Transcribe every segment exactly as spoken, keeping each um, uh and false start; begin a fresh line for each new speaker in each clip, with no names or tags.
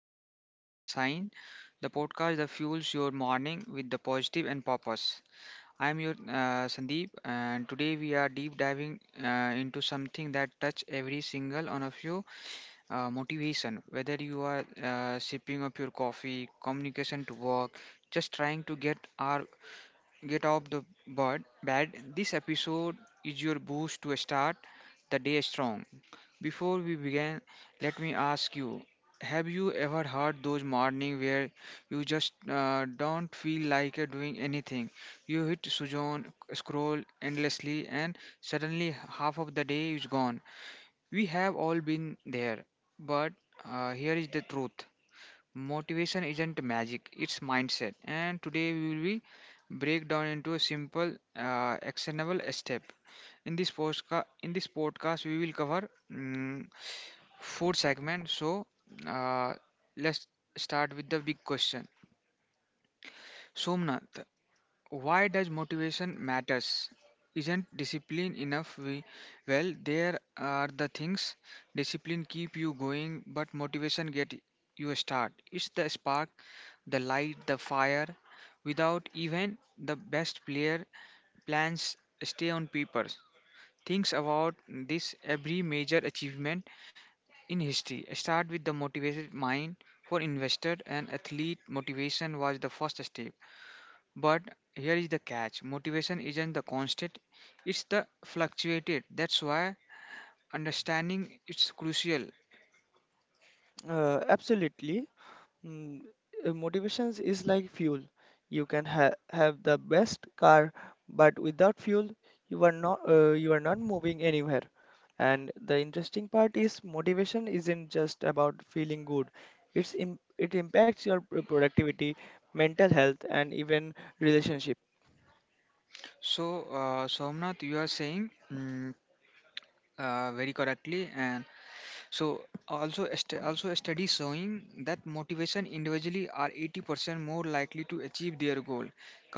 uh, Rise and Shine, the podcast that fuels your morning with the positive and purpose. I am your uh, Sandeep, and today we are deep diving uh, into something that touch every single one of you: uh, motivation. Whether you are uh, sipping up your coffee, communication to work, just trying to get our get off the bed, bed, this episode is your boost to start the day strong. Before we begin, let me ask you, have you ever had those mornings where you just uh, don't feel like uh, doing anything? You hit Sujon, scroll endlessly, and suddenly half of the day is gone. We have all been there, but uh, here is the truth, motivation isn't magic, it's mindset. And today we will be break down into a simple uh, actionable step in this postca- in this podcast. We will cover mm, food segment. So, uh, let's start with the big question. Somnath, why does motivation matters? Isn't discipline enough? We, well, there are the things, discipline keep you going, but motivation get you a start. It's the spark, the light, the fire. Without even the best player, plans stay on paper. Thinks about this, every major achievement in history, start with the motivated mind for investor and athlete. Motivation was the first step. But here is the catch, motivation isn't the constant, it's the fluctuated. That's why understanding is crucial.
Uh, absolutely. Mm, uh, Motivations is like fuel. You can ha have the best car, but without fuel, you are not uh, you are not moving anywhere. And the interesting part is motivation isn't just about feeling good. It's im it impacts your p- productivity, mental health, and even relationships.
So, uh, Somnath, you are saying mm, uh, very correctly, and so also a stu- also a study showing that motivation individually are eighty percent more likely to achieve their goal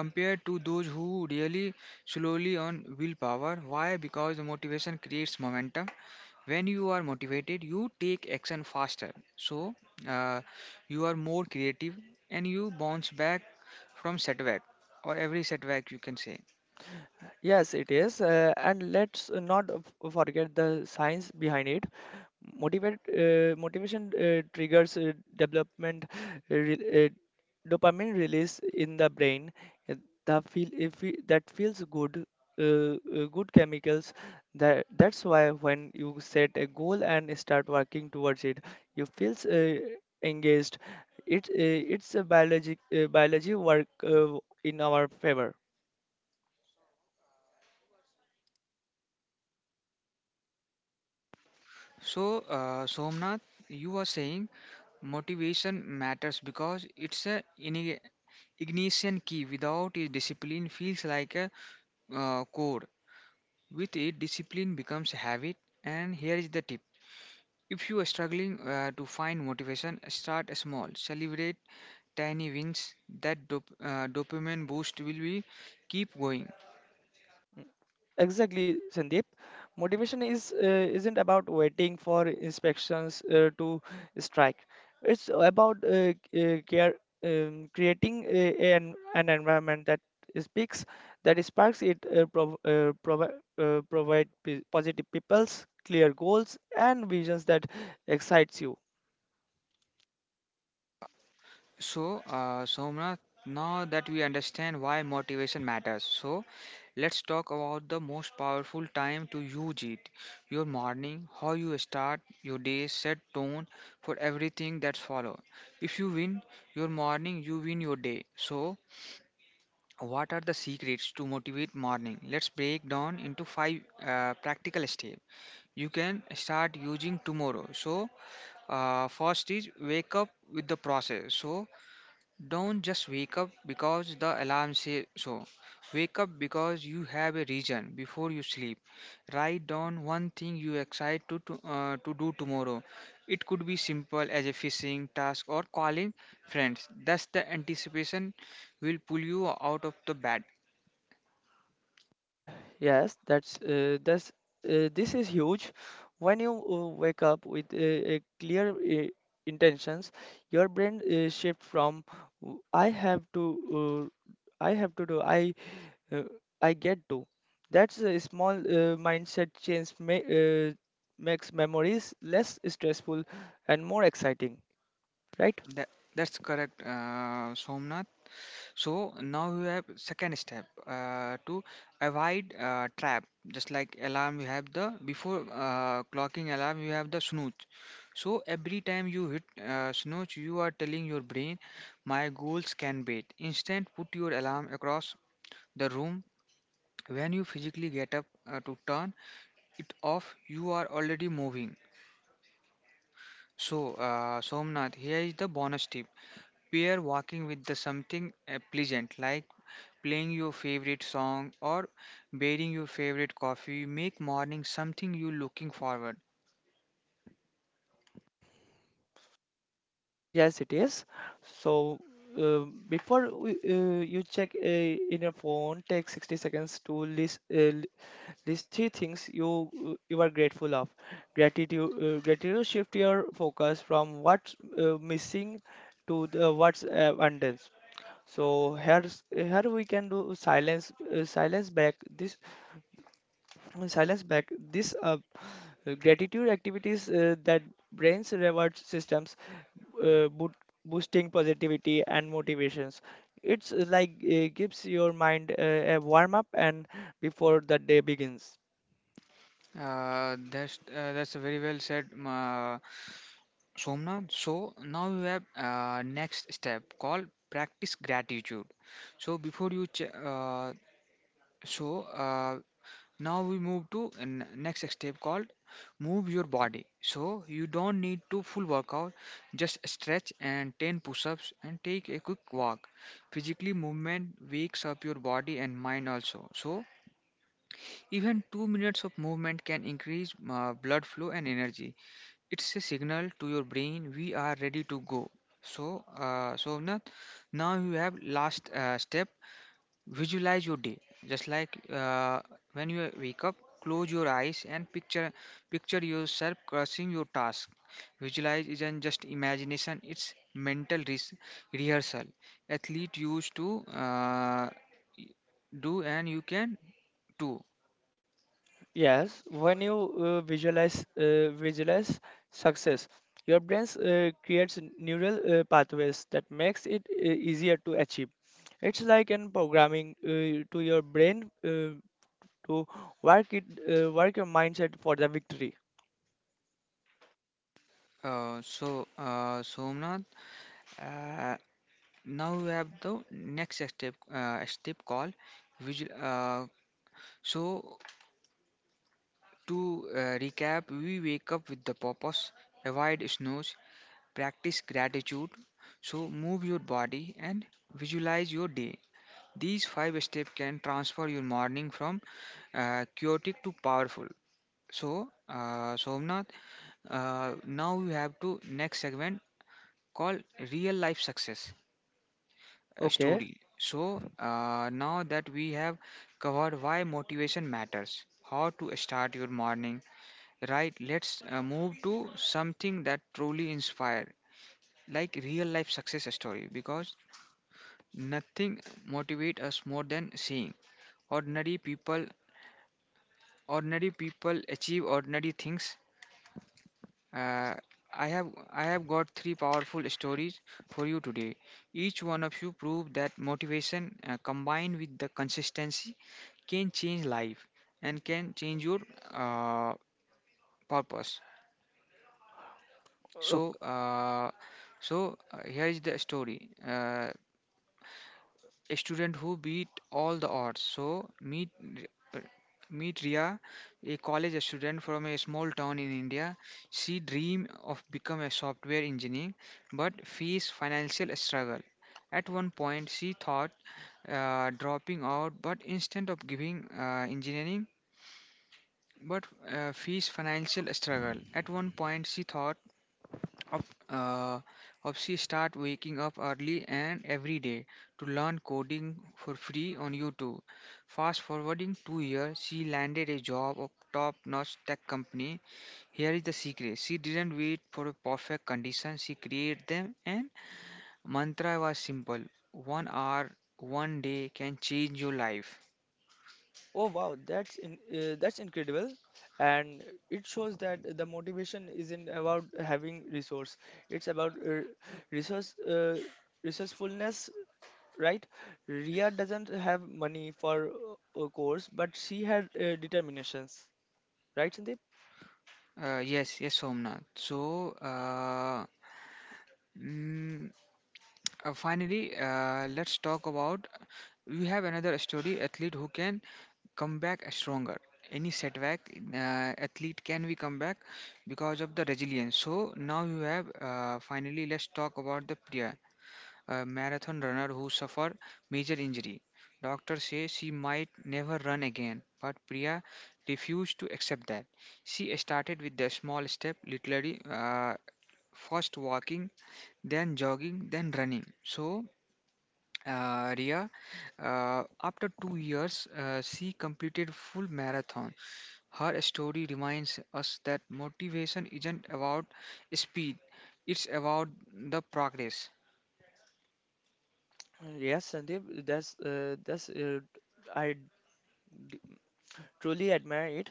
compared to those who really slowly on willpower. Why? Because the motivation creates momentum. When you are motivated, you take action faster. So uh, you are more creative and you bounce back from setback, or every setback you can say.
Yes, it is. Uh, and let's not f- forget the science behind it. Motivate, uh, motivation uh, triggers uh, development, uh, re- uh, dopamine release in the brain. uh, The feel if we, that feels good, uh, uh, good chemicals. That that's why when you set a goal and start working towards it, you feels uh, engaged. It uh, it's a biologic uh, biology work uh, in our favor.
So, uh, Somnath, you are saying motivation matters because it's a ini- ignition key. Without it, discipline feels like a uh, code. With it, discipline becomes a habit. And here is the tip: if you are struggling uh, to find motivation, start small. Celebrate tiny wins. That dop- uh, dopamine boost will be keep going.
Exactly, Sandeep. Motivation is uh, isn't about waiting for inspections uh, to strike. It's about uh, uh, care, um, creating a, an an environment that speaks, that sparks it, uh, prov- uh, provi- uh, provide p- positive people's clear goals and visions that excites you.
So, uh, Somnath, now that we understand why motivation matters, so let's talk about the most powerful time to use it. Your morning, how you start your day, set tone for everything that follow. If you win your morning, you win your day. So, what are the secrets to motivate morning? Let's break down into five uh, practical steps you can start using tomorrow. So, uh, first is wake up with the process. So don't just wake up because the alarm says so. Wake up because you have a reason. Before you sleep, write down one thing you excited to, to, uh, to do tomorrow. It could be simple as a fishing task or calling friends. Thus, the anticipation will pull you out of the bed.
Uh, yes, that's uh, that's uh, this is huge. When you uh, wake up with uh, a clear uh, intentions, your brain uh, shift from "W- "I have to, uh, I have to do, I, uh, I get to." That's a small uh, mindset change may, uh, makes memories less stressful and more exciting, right?
That that's correct, uh, Somnath. So now we have second step uh, to avoid uh, trap. Just like alarm, you have the before uh, clocking alarm, you have the snooze. So every time you hit uh, snooze, you are telling your brain, my goals can wait. Instant, put your alarm across the room. When you physically get up uh, to turn it off, you are already moving. So, uh, Somnath, here is the bonus tip. Pair walking with the something uh, pleasant like playing your favorite song or bearing your favorite coffee make morning something you looking forward.
Yes, it is. So uh, before we, uh, you check uh, in your phone, take sixty seconds to list uh, l- list three things you uh, you are grateful of. Gratitude uh, gratitude shift your focus from what's uh, missing to the what's uh, abundance. So here's here we can do silence uh, silence back. This silence back this uh, gratitude activities uh, that brains reward systems uh, boot, boosting positivity and motivations. It's uh, like uh, gives your mind uh, a warm up and before the day begins.
Uh, that's uh, that's very well said, uh, Somnath. So now you have uh, next step called practice gratitude. So before you ch- uh, so uh, now we move to n- next step called move your body. So you don't need to full workout, just stretch and ten push-ups and take a quick walk. Physically movement wakes up your body and mind also. So even two minutes of movement can increase uh, blood flow and energy. It's a signal to your brain, we are ready to go. So uh, so now you have last uh, step, visualize your day, just like uh, when you wake up, close your eyes and picture picture yourself crushing your task. Visualize isn't just imagination; it's mental res- rehearsal. Athlete used to uh, do, and you can too.
Yes, when you uh, visualize uh, visualize success, your brain uh, creates neural uh, pathways that makes it uh, easier to achieve. It's like an programming uh, to your brain uh, to work it, uh, work your mindset for the victory.
Uh, so, uh, Somnath, uh, now we have the next step, uh, step called visual. Uh, so, To uh, recap, we wake up with the purpose, avoid snooze, practice gratitude, so move your body and visualize your day. These five steps can transfer your morning from uh, chaotic to powerful. So, uh, Somnath, uh, now we have to next segment called real life success uh,
Okay.
story. So, uh, now that we have covered why motivation matters, how to start your morning, right, let's uh, move to something that truly inspire, like real life success story, because nothing motivate us more than seeing ordinary people ordinary people achieve ordinary things. Uh, I have I have got three powerful stories for you today. Each one of you prove that motivation uh, combined with the consistency can change life and can change your uh, purpose.
Oh,
So, uh, so uh, Here is the story. Uh, a student who beat all the odds. So, meet r- r- meet Ria, a college student from a small town in India. She dream of become a software engineer, but face financial struggle. At one point, she thought uh, dropping out, but instead of giving uh, engineering, but uh, face financial struggle. At one point, she thought up, uh, Opsy start waking up early and every day to learn coding for free on YouTube. Fast forwarding two years, she landed a job of top-notch tech company. Here is the secret: she didn't wait for a perfect condition; she created them. And mantra was simple: one hour, one day can change your life.
oh wow, that's in, uh, that's incredible, and it shows that the motivation isn't about having resource. It's about uh, resource uh, resourcefulness, right? Ria doesn't have money for uh, a course, but she had uh, determinations, right, Sandeep?
Uh, yes, yes, Somnath. So, uh, mm, Uh, finally, uh, let's talk about, we have another story, athlete who can come back stronger. Any setback, uh, athlete can be come back because of the resilience. So now you have uh, finally, let's talk about the Priya, a marathon runner who suffered major injury. Doctors say she might never run again, but Priya refused to accept that. She started with the small step, literally uh, first walking, then jogging, then running. So uh, Ria, uh, after two years, uh, she completed full marathon. Her story reminds us that motivation isn't about speed; it's about the progress.
Uh, Yes, Sandeep. That's uh, that's uh, I d- truly admire it,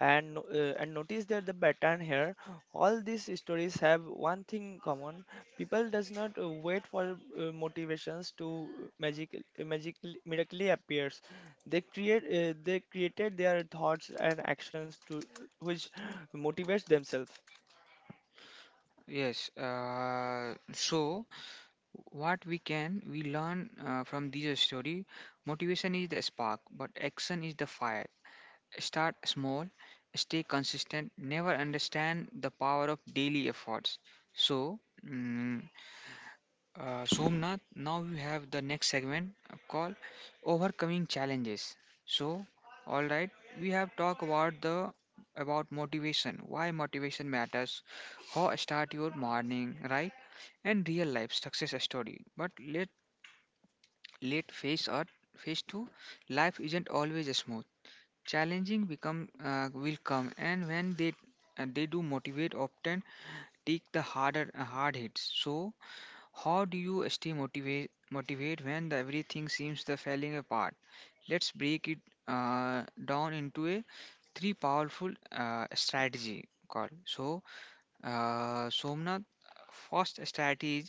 and no- uh, and notice that the pattern here, all these stories have one thing common. People does not uh, wait for uh, motivations to uh, magic magically miraculously appears. They create uh, they created their thoughts and actions to uh, which motivates themselves.
Yes. Uh, so, what we can we learn uh, from this story? Motivation is the spark, but action is the fire. Start small, stay consistent. Never understand the power of daily efforts. So. mm, Uh, Somnath, now we have the next segment uh, called overcoming challenges. So, all right, we have talked about the about motivation, why motivation matters, how start your morning, right, and real life success story. But let let face out face two, life isn't always smooth. Challenging become uh, will come, and when they uh, they do motivate, often take the harder uh, hard hits. So how do you stay motivate motivate when the everything seems the falling apart? Let's break it uh, down into a three powerful uh, strategy call. So, uh, Somnath, first strategy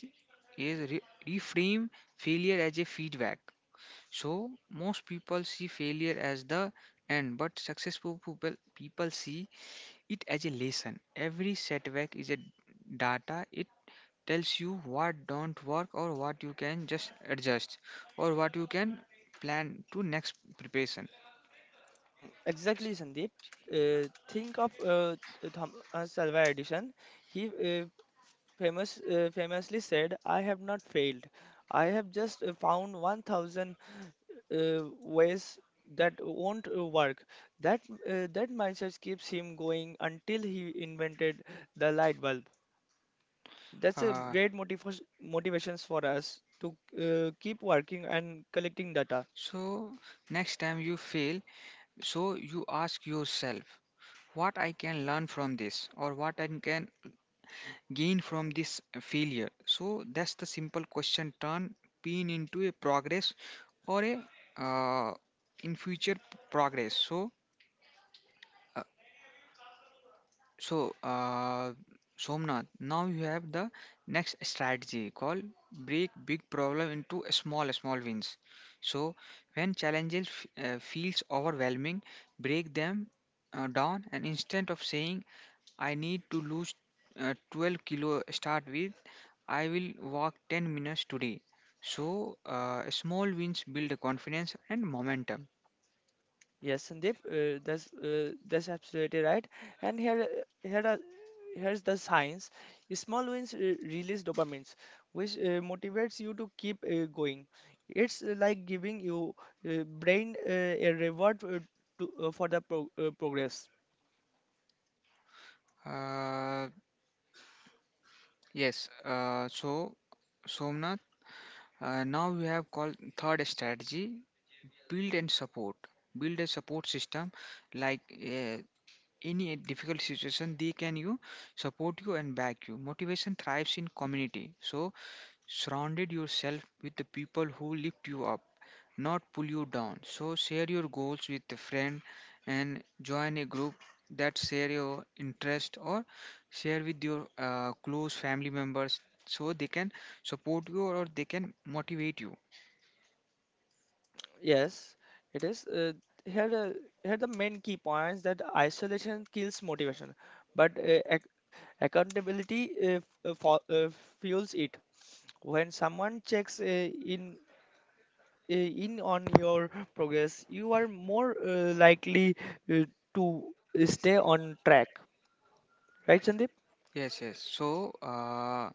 is re- reframe failure as a feedback. So most people see failure as the end, but successful people people see it as a lesson. Every setback is a data. It tells you what don't work or what you can just adjust or what you can plan to next preparation.
Mm, Exactly, Sandeep. Uh, think of uh, Th- Thom- uh, Salva Edison. He uh, famous uh, famously said, "I have not failed. I have just uh, found one thousand uh, ways that won't uh, work." That uh, that mindset keeps him going until he invented the light bulb. That's a
Uh,
great motivation motivations for us to uh, keep working and collecting data.
so next time you fail, so you ask yourself what I can learn from this or what I can gain from this failure. So that's the simple question, turn pain into a progress or a uh, in future progress. So. So, uh, Somnath, now you have the next strategy called break big problem into a small small wins. So, when challenges f- uh, feels overwhelming, break them uh, down, and instead of saying I need to lose uh, twelve kilo, start with I will walk ten minutes today. So, uh, small wins build confidence and momentum.
Yes, Sandeep, uh, that's uh, that's absolutely right. And here, uh, here are here's the science. Small wins uh, release dopamines, which uh, motivates you to keep uh, going. It's uh, like giving you uh, brain uh, a reward uh, to, uh, for the pro- uh, progress.
Uh, yes. Uh, so. Somnath. Uh, now we have called third strategy, build and support build a support system, like uh, any difficult situation they can you support you and back you. Motivation thrives in community, so surrounded yourself with the people who lift you up, not pull you down. So share your goals with a friend and join a group that share your interest, or share with your uh, close family members so they can support you or they can motivate you.
Yes, it is. Uh, here, the Here the main key points that isolation kills motivation, but uh, ac- accountability uh, f- uh, fo- uh, fuels it. When someone checks uh, in uh, in on your progress, you are more uh, likely uh, to stay on track. Right, Sandeep?
Yes, yes. So uh,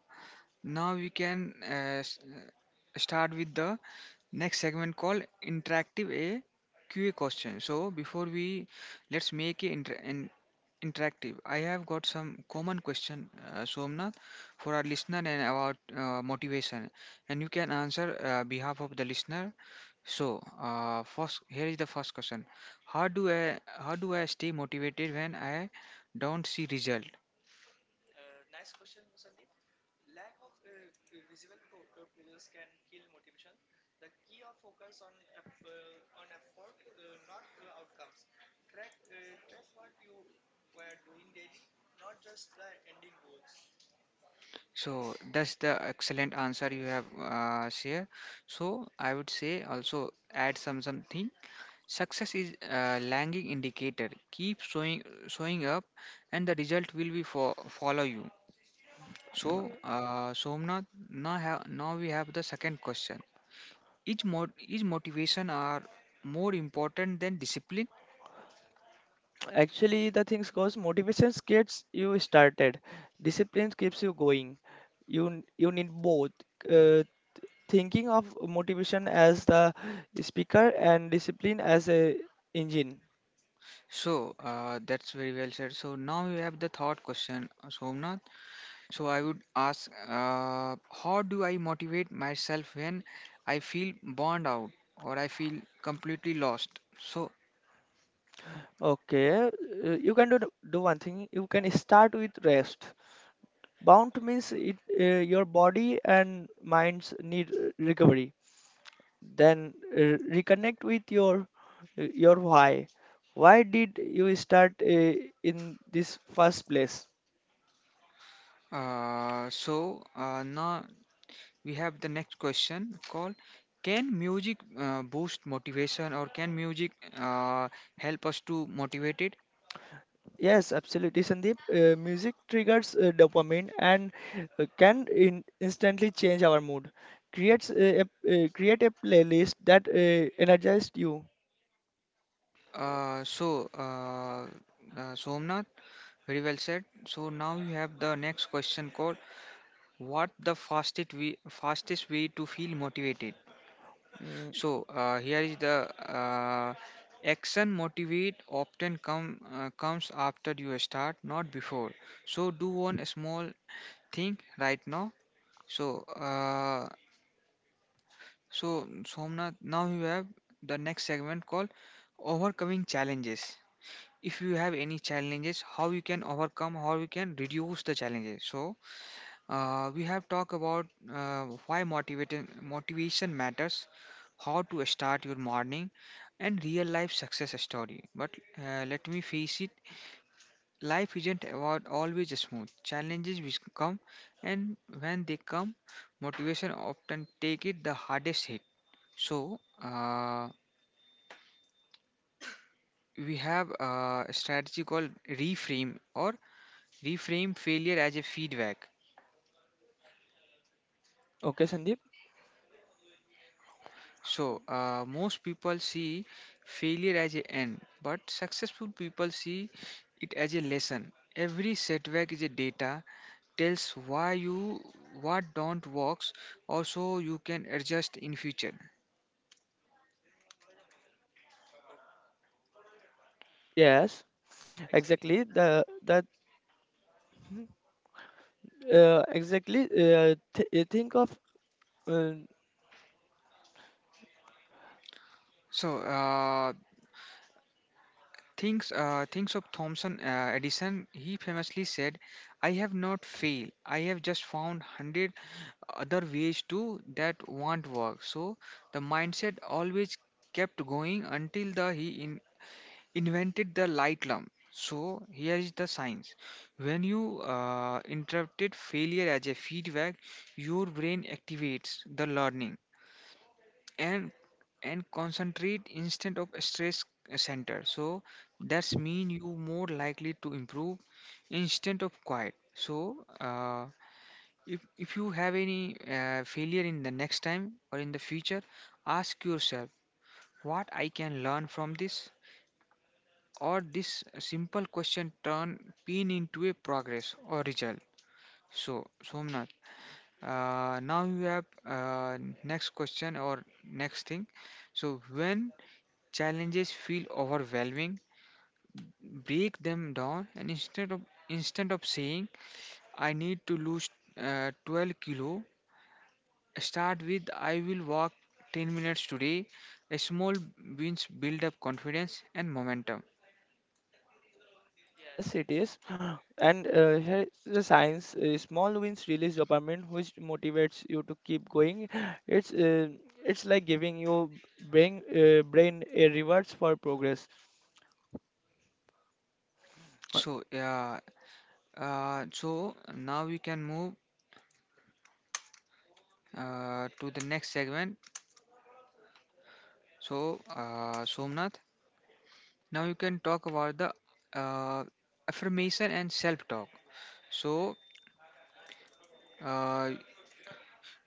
now we can uh, s- uh, start with the next segment called interactive a Q A question. So before we let's make it inter- in- interactive. I have got some common question, uh, Somnath, for our listener and about uh, motivation, and you can answer uh, behalf of the listener. So uh, first, here is the first question: How do I how do I stay motivated when I don't see result? So that's the excellent answer you have uh, share. So I would say also add some something. Success is a lagging indicator. Keep showing showing up, and the result will be for follow you. So
Mm,
uh, Somnath, now have now we have the second question. Is mod is motivation are more important than discipline?
Actually, the things goes motivation gets you started, discipline keeps you going. You n- you need both, uh, thinking of motivation as the speaker and discipline as a engine.
So uh, that's very well said. So now we have the third question, Somnath. So I would ask, uh, how do I motivate myself when I feel burned out or I feel completely lost? So,
Okay, uh, you can do, the- do one thing, you can start with rest bound, means it uh, your body and minds need uh, recovery, then uh, reconnect with your uh, your why. Why did you start uh, in this first place?
uh, so uh, now we have the next question called, can music uh, boost motivation or can music uh, help us to motivate it?
Yes, absolutely, Sandeep. Uh, music triggers uh, dopamine and uh, can in instantly change our mood. Creates uh, a, uh, create a playlist that uh, energizes you.
Uh, so, uh, uh, Somnath, very well said. So now you have the next question called, what the fastest way, fastest way to feel motivated?
Mm,
So uh, here is the uh, action motivate often come uh, comes after you start, not before. So do one small thing right now. So uh, so Somnath, now you have the next segment called overcoming challenges. If you have any challenges, how you can overcome, how you can reduce the challenges. So uh, we have talked about uh, why motivating, motivation matters, how to start your morning, and real life success story. But uh, let me face it, life isn't about always smooth. Challenges will come, and when they come, motivation often take it the hardest hit. So uh, we have a strategy called reframe or reframe failure as a feedback.
okay, Sandeep.
So, uh, most people see failure as a end, but successful people see it as a lesson. Every setback is a data tells why you what don't works, also you can adjust in future.
Mm, yes, exactly. The that mm, uh, exactly. Uh, th- uh, think of. Uh,
So, uh, things uh, things of Thomson uh, Edison. He famously said, "I have not failed. I have just found hundred other ways to that won't work." So, the mindset always kept going until the he in invented the light lamp. So here is the science. When you uh, interrupted failure as a feedback, your brain activates the learning and and concentrate instead of stress center. So that's mean you more likely to improve instead of quiet. So uh, if if you have any uh, failure in the next time or in the future, ask yourself what I can learn from this or this simple question turn pain into a progress or result. So Somnath, uh, now you have uh, next question or next thing. So when challenges feel overwhelming, break them down and instead of instead of saying I need to lose uh, twelve kilo, start with I will walk ten minutes today. A small wins build up confidence and momentum.
Yes, it is. And uh, here is the science, uh, small wins release dopamine, which motivates you to keep going. It's uh, it's like giving your brain uh, brain a rewards for progress. Uh,
So yeah. Uh, so now we can move uh, to the next segment. So, uh, Somnath, now you can talk about the uh, affirmation and self talk. So, uh,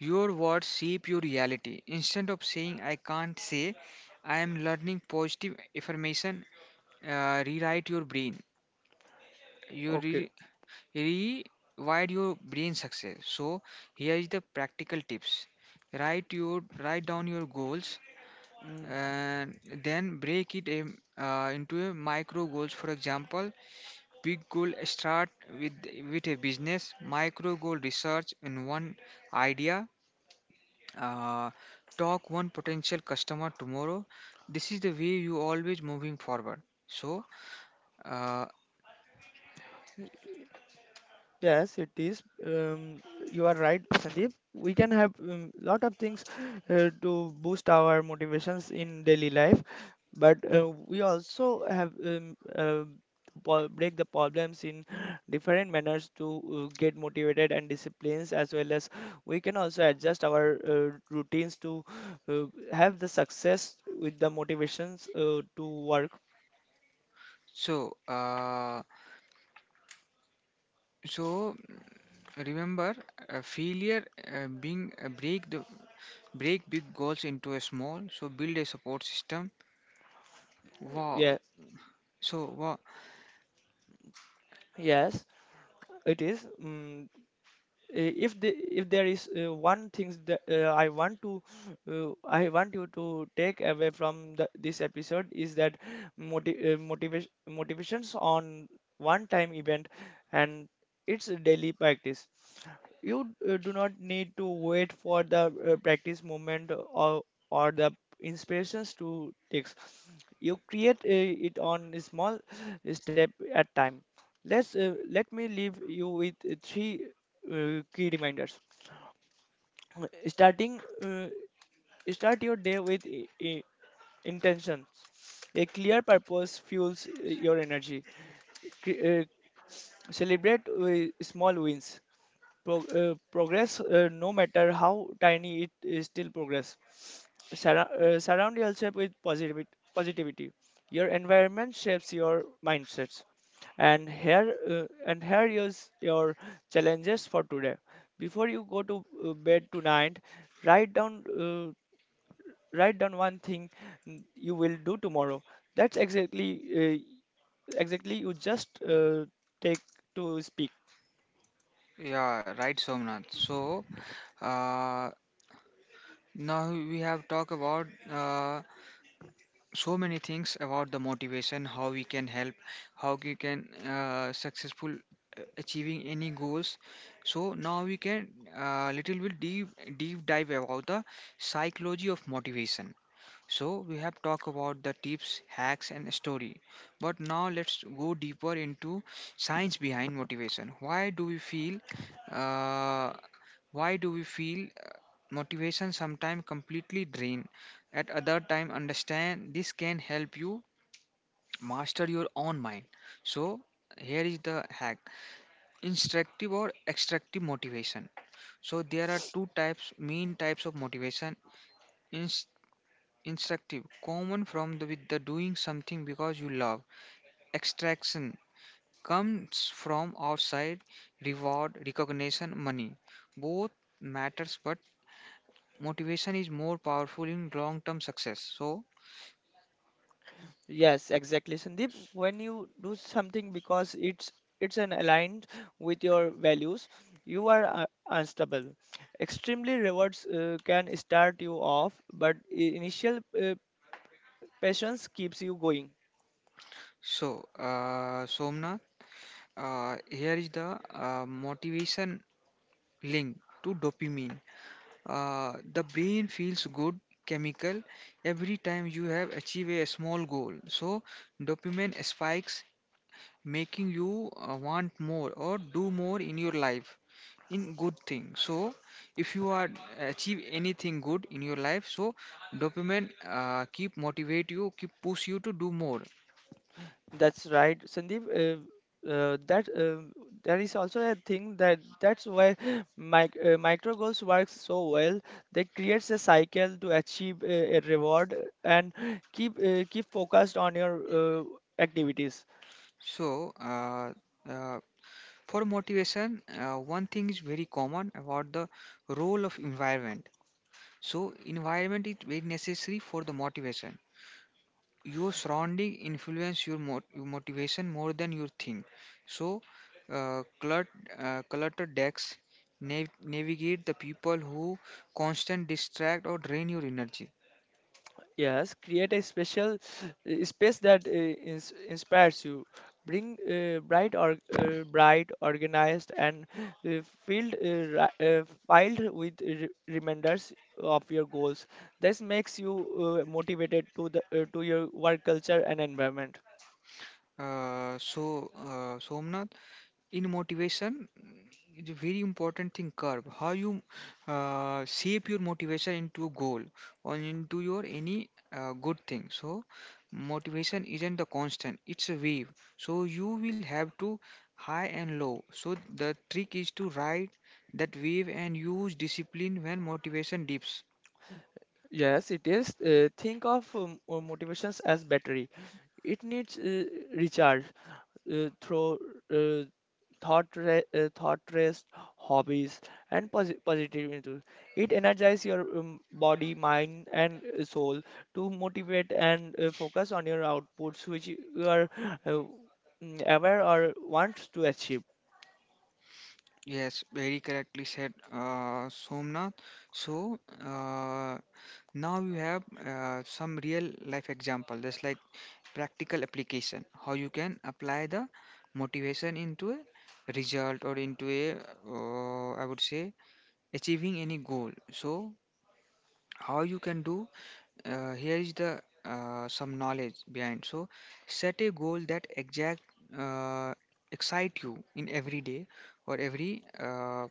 your words shape your reality. Instead of saying, I can't say, I am learning positive affirmation, uh, rewrite your brain. You
Okay.
re- rewrite your brain success. So, here is the practical tips, write your write down your goals
Mm.
and then break it in, uh, into a micro goals. For example, big goal start with with a business micro goal research in one idea, uh, talk one potential customer tomorrow. This is the way you always moving forward. so uh,
Yes, it is. Um, you are right, Sandeep. We can have um, lot of things uh, to boost our motivations in daily life, but uh, we also have um, uh, po- break the problems in different manners to uh, get motivated and disciplines, as well as we can also adjust our uh, routines to uh, have the success with the motivations uh, to work.
so uh, so remember, uh, failure uh, being uh, break the break big goals into a small so build a support system. Wow.
Yeah,
So wow.
yes, it is. Mm uh, if the, if there is uh, one thing that uh, I want to uh, I want you to take away from the, this episode, is that motiv- uh, motivation motivations on one time event, and it's a daily practice. You uh, do not need to wait for the uh, practice moment or or the inspirations to takes. You create uh, it on a small step at time. Let's uh, let me leave you with uh, three uh, key reminders. Starting, uh, Start your day with i- i- intentions. A clear purpose fuels uh, your energy. Cre- uh, Celebrate with small wins. Pro- uh, progress, uh, no matter how tiny it is, still progress. Surra- uh, surround yourself with positivity. Positivity. Your environment shapes your mindsets. And here, uh, and here is your challenges for today. Before you go to uh, bed tonight, write down uh, write down one thing mm, you will do tomorrow. That's exactly uh, exactly you just uh, take to speak.
Yeah, right, Somnath. So uh, now we have talked about uh, so many things about the motivation, how we can help, how we can uh, successful uh, achieving any goals. So now we can uh, little bit deep deep dive about the psychology of motivation. So we have talked about the tips, hacks, and story. But now let's go deeper into science behind motivation. Why do we feel? Uh, why do we feel uh, motivation sometimes completely drain? At other time understand this can help you master your own mind. So here is the hack. Instructive or extractive motivation. So there are two types, main types of motivation. Inst- instructive, common from the with the doing something because you love. Extraction comes from outside, reward, recognition, money. Both matters but motivation is more powerful in long term success. so
Yes, exactly, Sandeep. When you do something because it's it's an aligned with your values, you are uh, unstoppable. Extremely rewards uh, can start you off, but i- initial uh, passions keeps you going.
so uh, Somnath, uh, here is the uh, motivation link to dopamine, uh, the brain feels good chemical every time you have achieved a small goal. So dopamine spikes, making you uh, want more or do more in your life in good thing. So if you are achieve anything good in your life, so dopamine uh, keep motivate you, keep push you to do more.
That's right, Sandeep. Uh, uh, that um There is also a thing that that's why mic- uh, micro goals works so well. They creates a cycle to achieve uh, a reward and keep uh, keep focused on your uh, activities.
So uh, uh, for motivation, uh, one thing is very common about the role of environment. So environment is very necessary for the motivation. Your surrounding influence your mot- motivation more than you think. So uh, clutter, uh, cluttered decks, nav- navigate the people who constant distract or drain your energy.
Yes, create a special uh, space that uh, ins inspires you. Bring uh, bright or uh, bright, organized, and uh, filled uh, ri- uh, filed with re reminders of your goals. This makes you uh, motivated to the uh, to your work culture and environment.
Uh, so uh, Somnath, in motivation it's a very important thing curve how you uh, shape your motivation into a goal or into your any uh, good thing. So motivation isn't the constant, it's a wave, so you will have to high and low. So the trick is to ride that wave and use discipline when motivation dips.
Yes, it is. Uh, think of um, uh, motivations as battery. It needs uh, recharge uh, through uh, thought re- uh, thought rest, hobbies, and posi- positive into it, energize your um, body, mind and uh, soul to motivate and uh, focus on your outputs which you are uh, mm, aware or wants to achieve.
Yes, very correctly said, uh, Somnath. So uh, now you have uh, some real life example, just like practical application, how you can apply the motivation into a result or into a, uh, I would say, achieving any goal. So how you can do? Uh, here is the uh, some knowledge behind. So set a goal that exact uh, excite you in every day or every uh,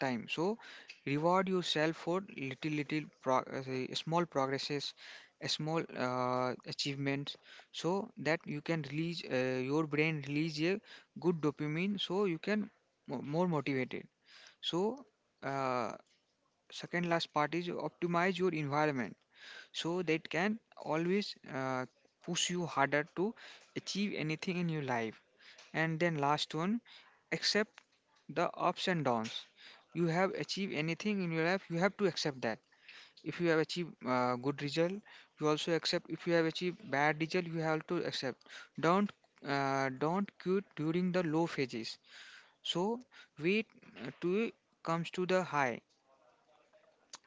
time. So reward yourself for little little prog- uh, say, small progresses, a small uh, achievements, so that you can release uh, your brain release a good dopamine so you can mo- more motivated. So uh, second last part is optimize your environment so that can always uh, push you harder to achieve anything in your life. And then last one, accept the ups and downs. You have achieved anything in your life, you have to accept that. If you have achieved uh, good result, you also accept. If you have achieved bad result, you have to accept. Don't uh, don't quit during the low phases. So wait uh, till it comes to the high.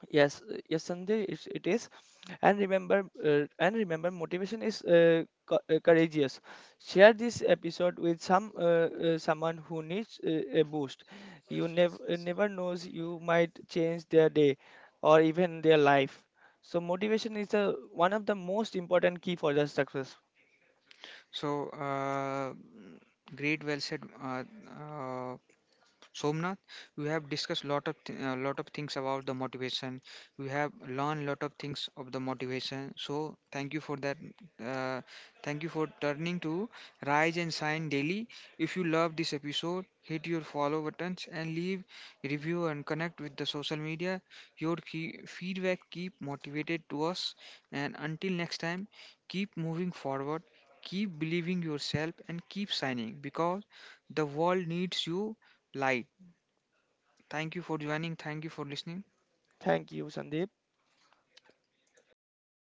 Yes, uh, yes, Sanjay, it's, it is. And remember, uh, and remember, motivation is uh, co- uh, courageous. Share this episode with some uh, uh, someone who needs uh, a boost. You never never knows, you might change their day or even their life. So motivation is a, one of the most important key for the success.
So uh, great, well said, uh, uh, Somnath, we have discussed lot of th- uh, lot of things about the motivation. We have learned lot of things of the motivation. So thank you for that. Uh, Thank you for turning to Rise and Shine Daily. If you love this episode, hit your follow buttons and leave review and connect with the social media. Your key feedback keep motivated to us. And until next time, keep moving forward. Keep believing yourself and keep shining because the world needs you light. Thank you for joining. Thank you for listening.
Thank you, Sandeep.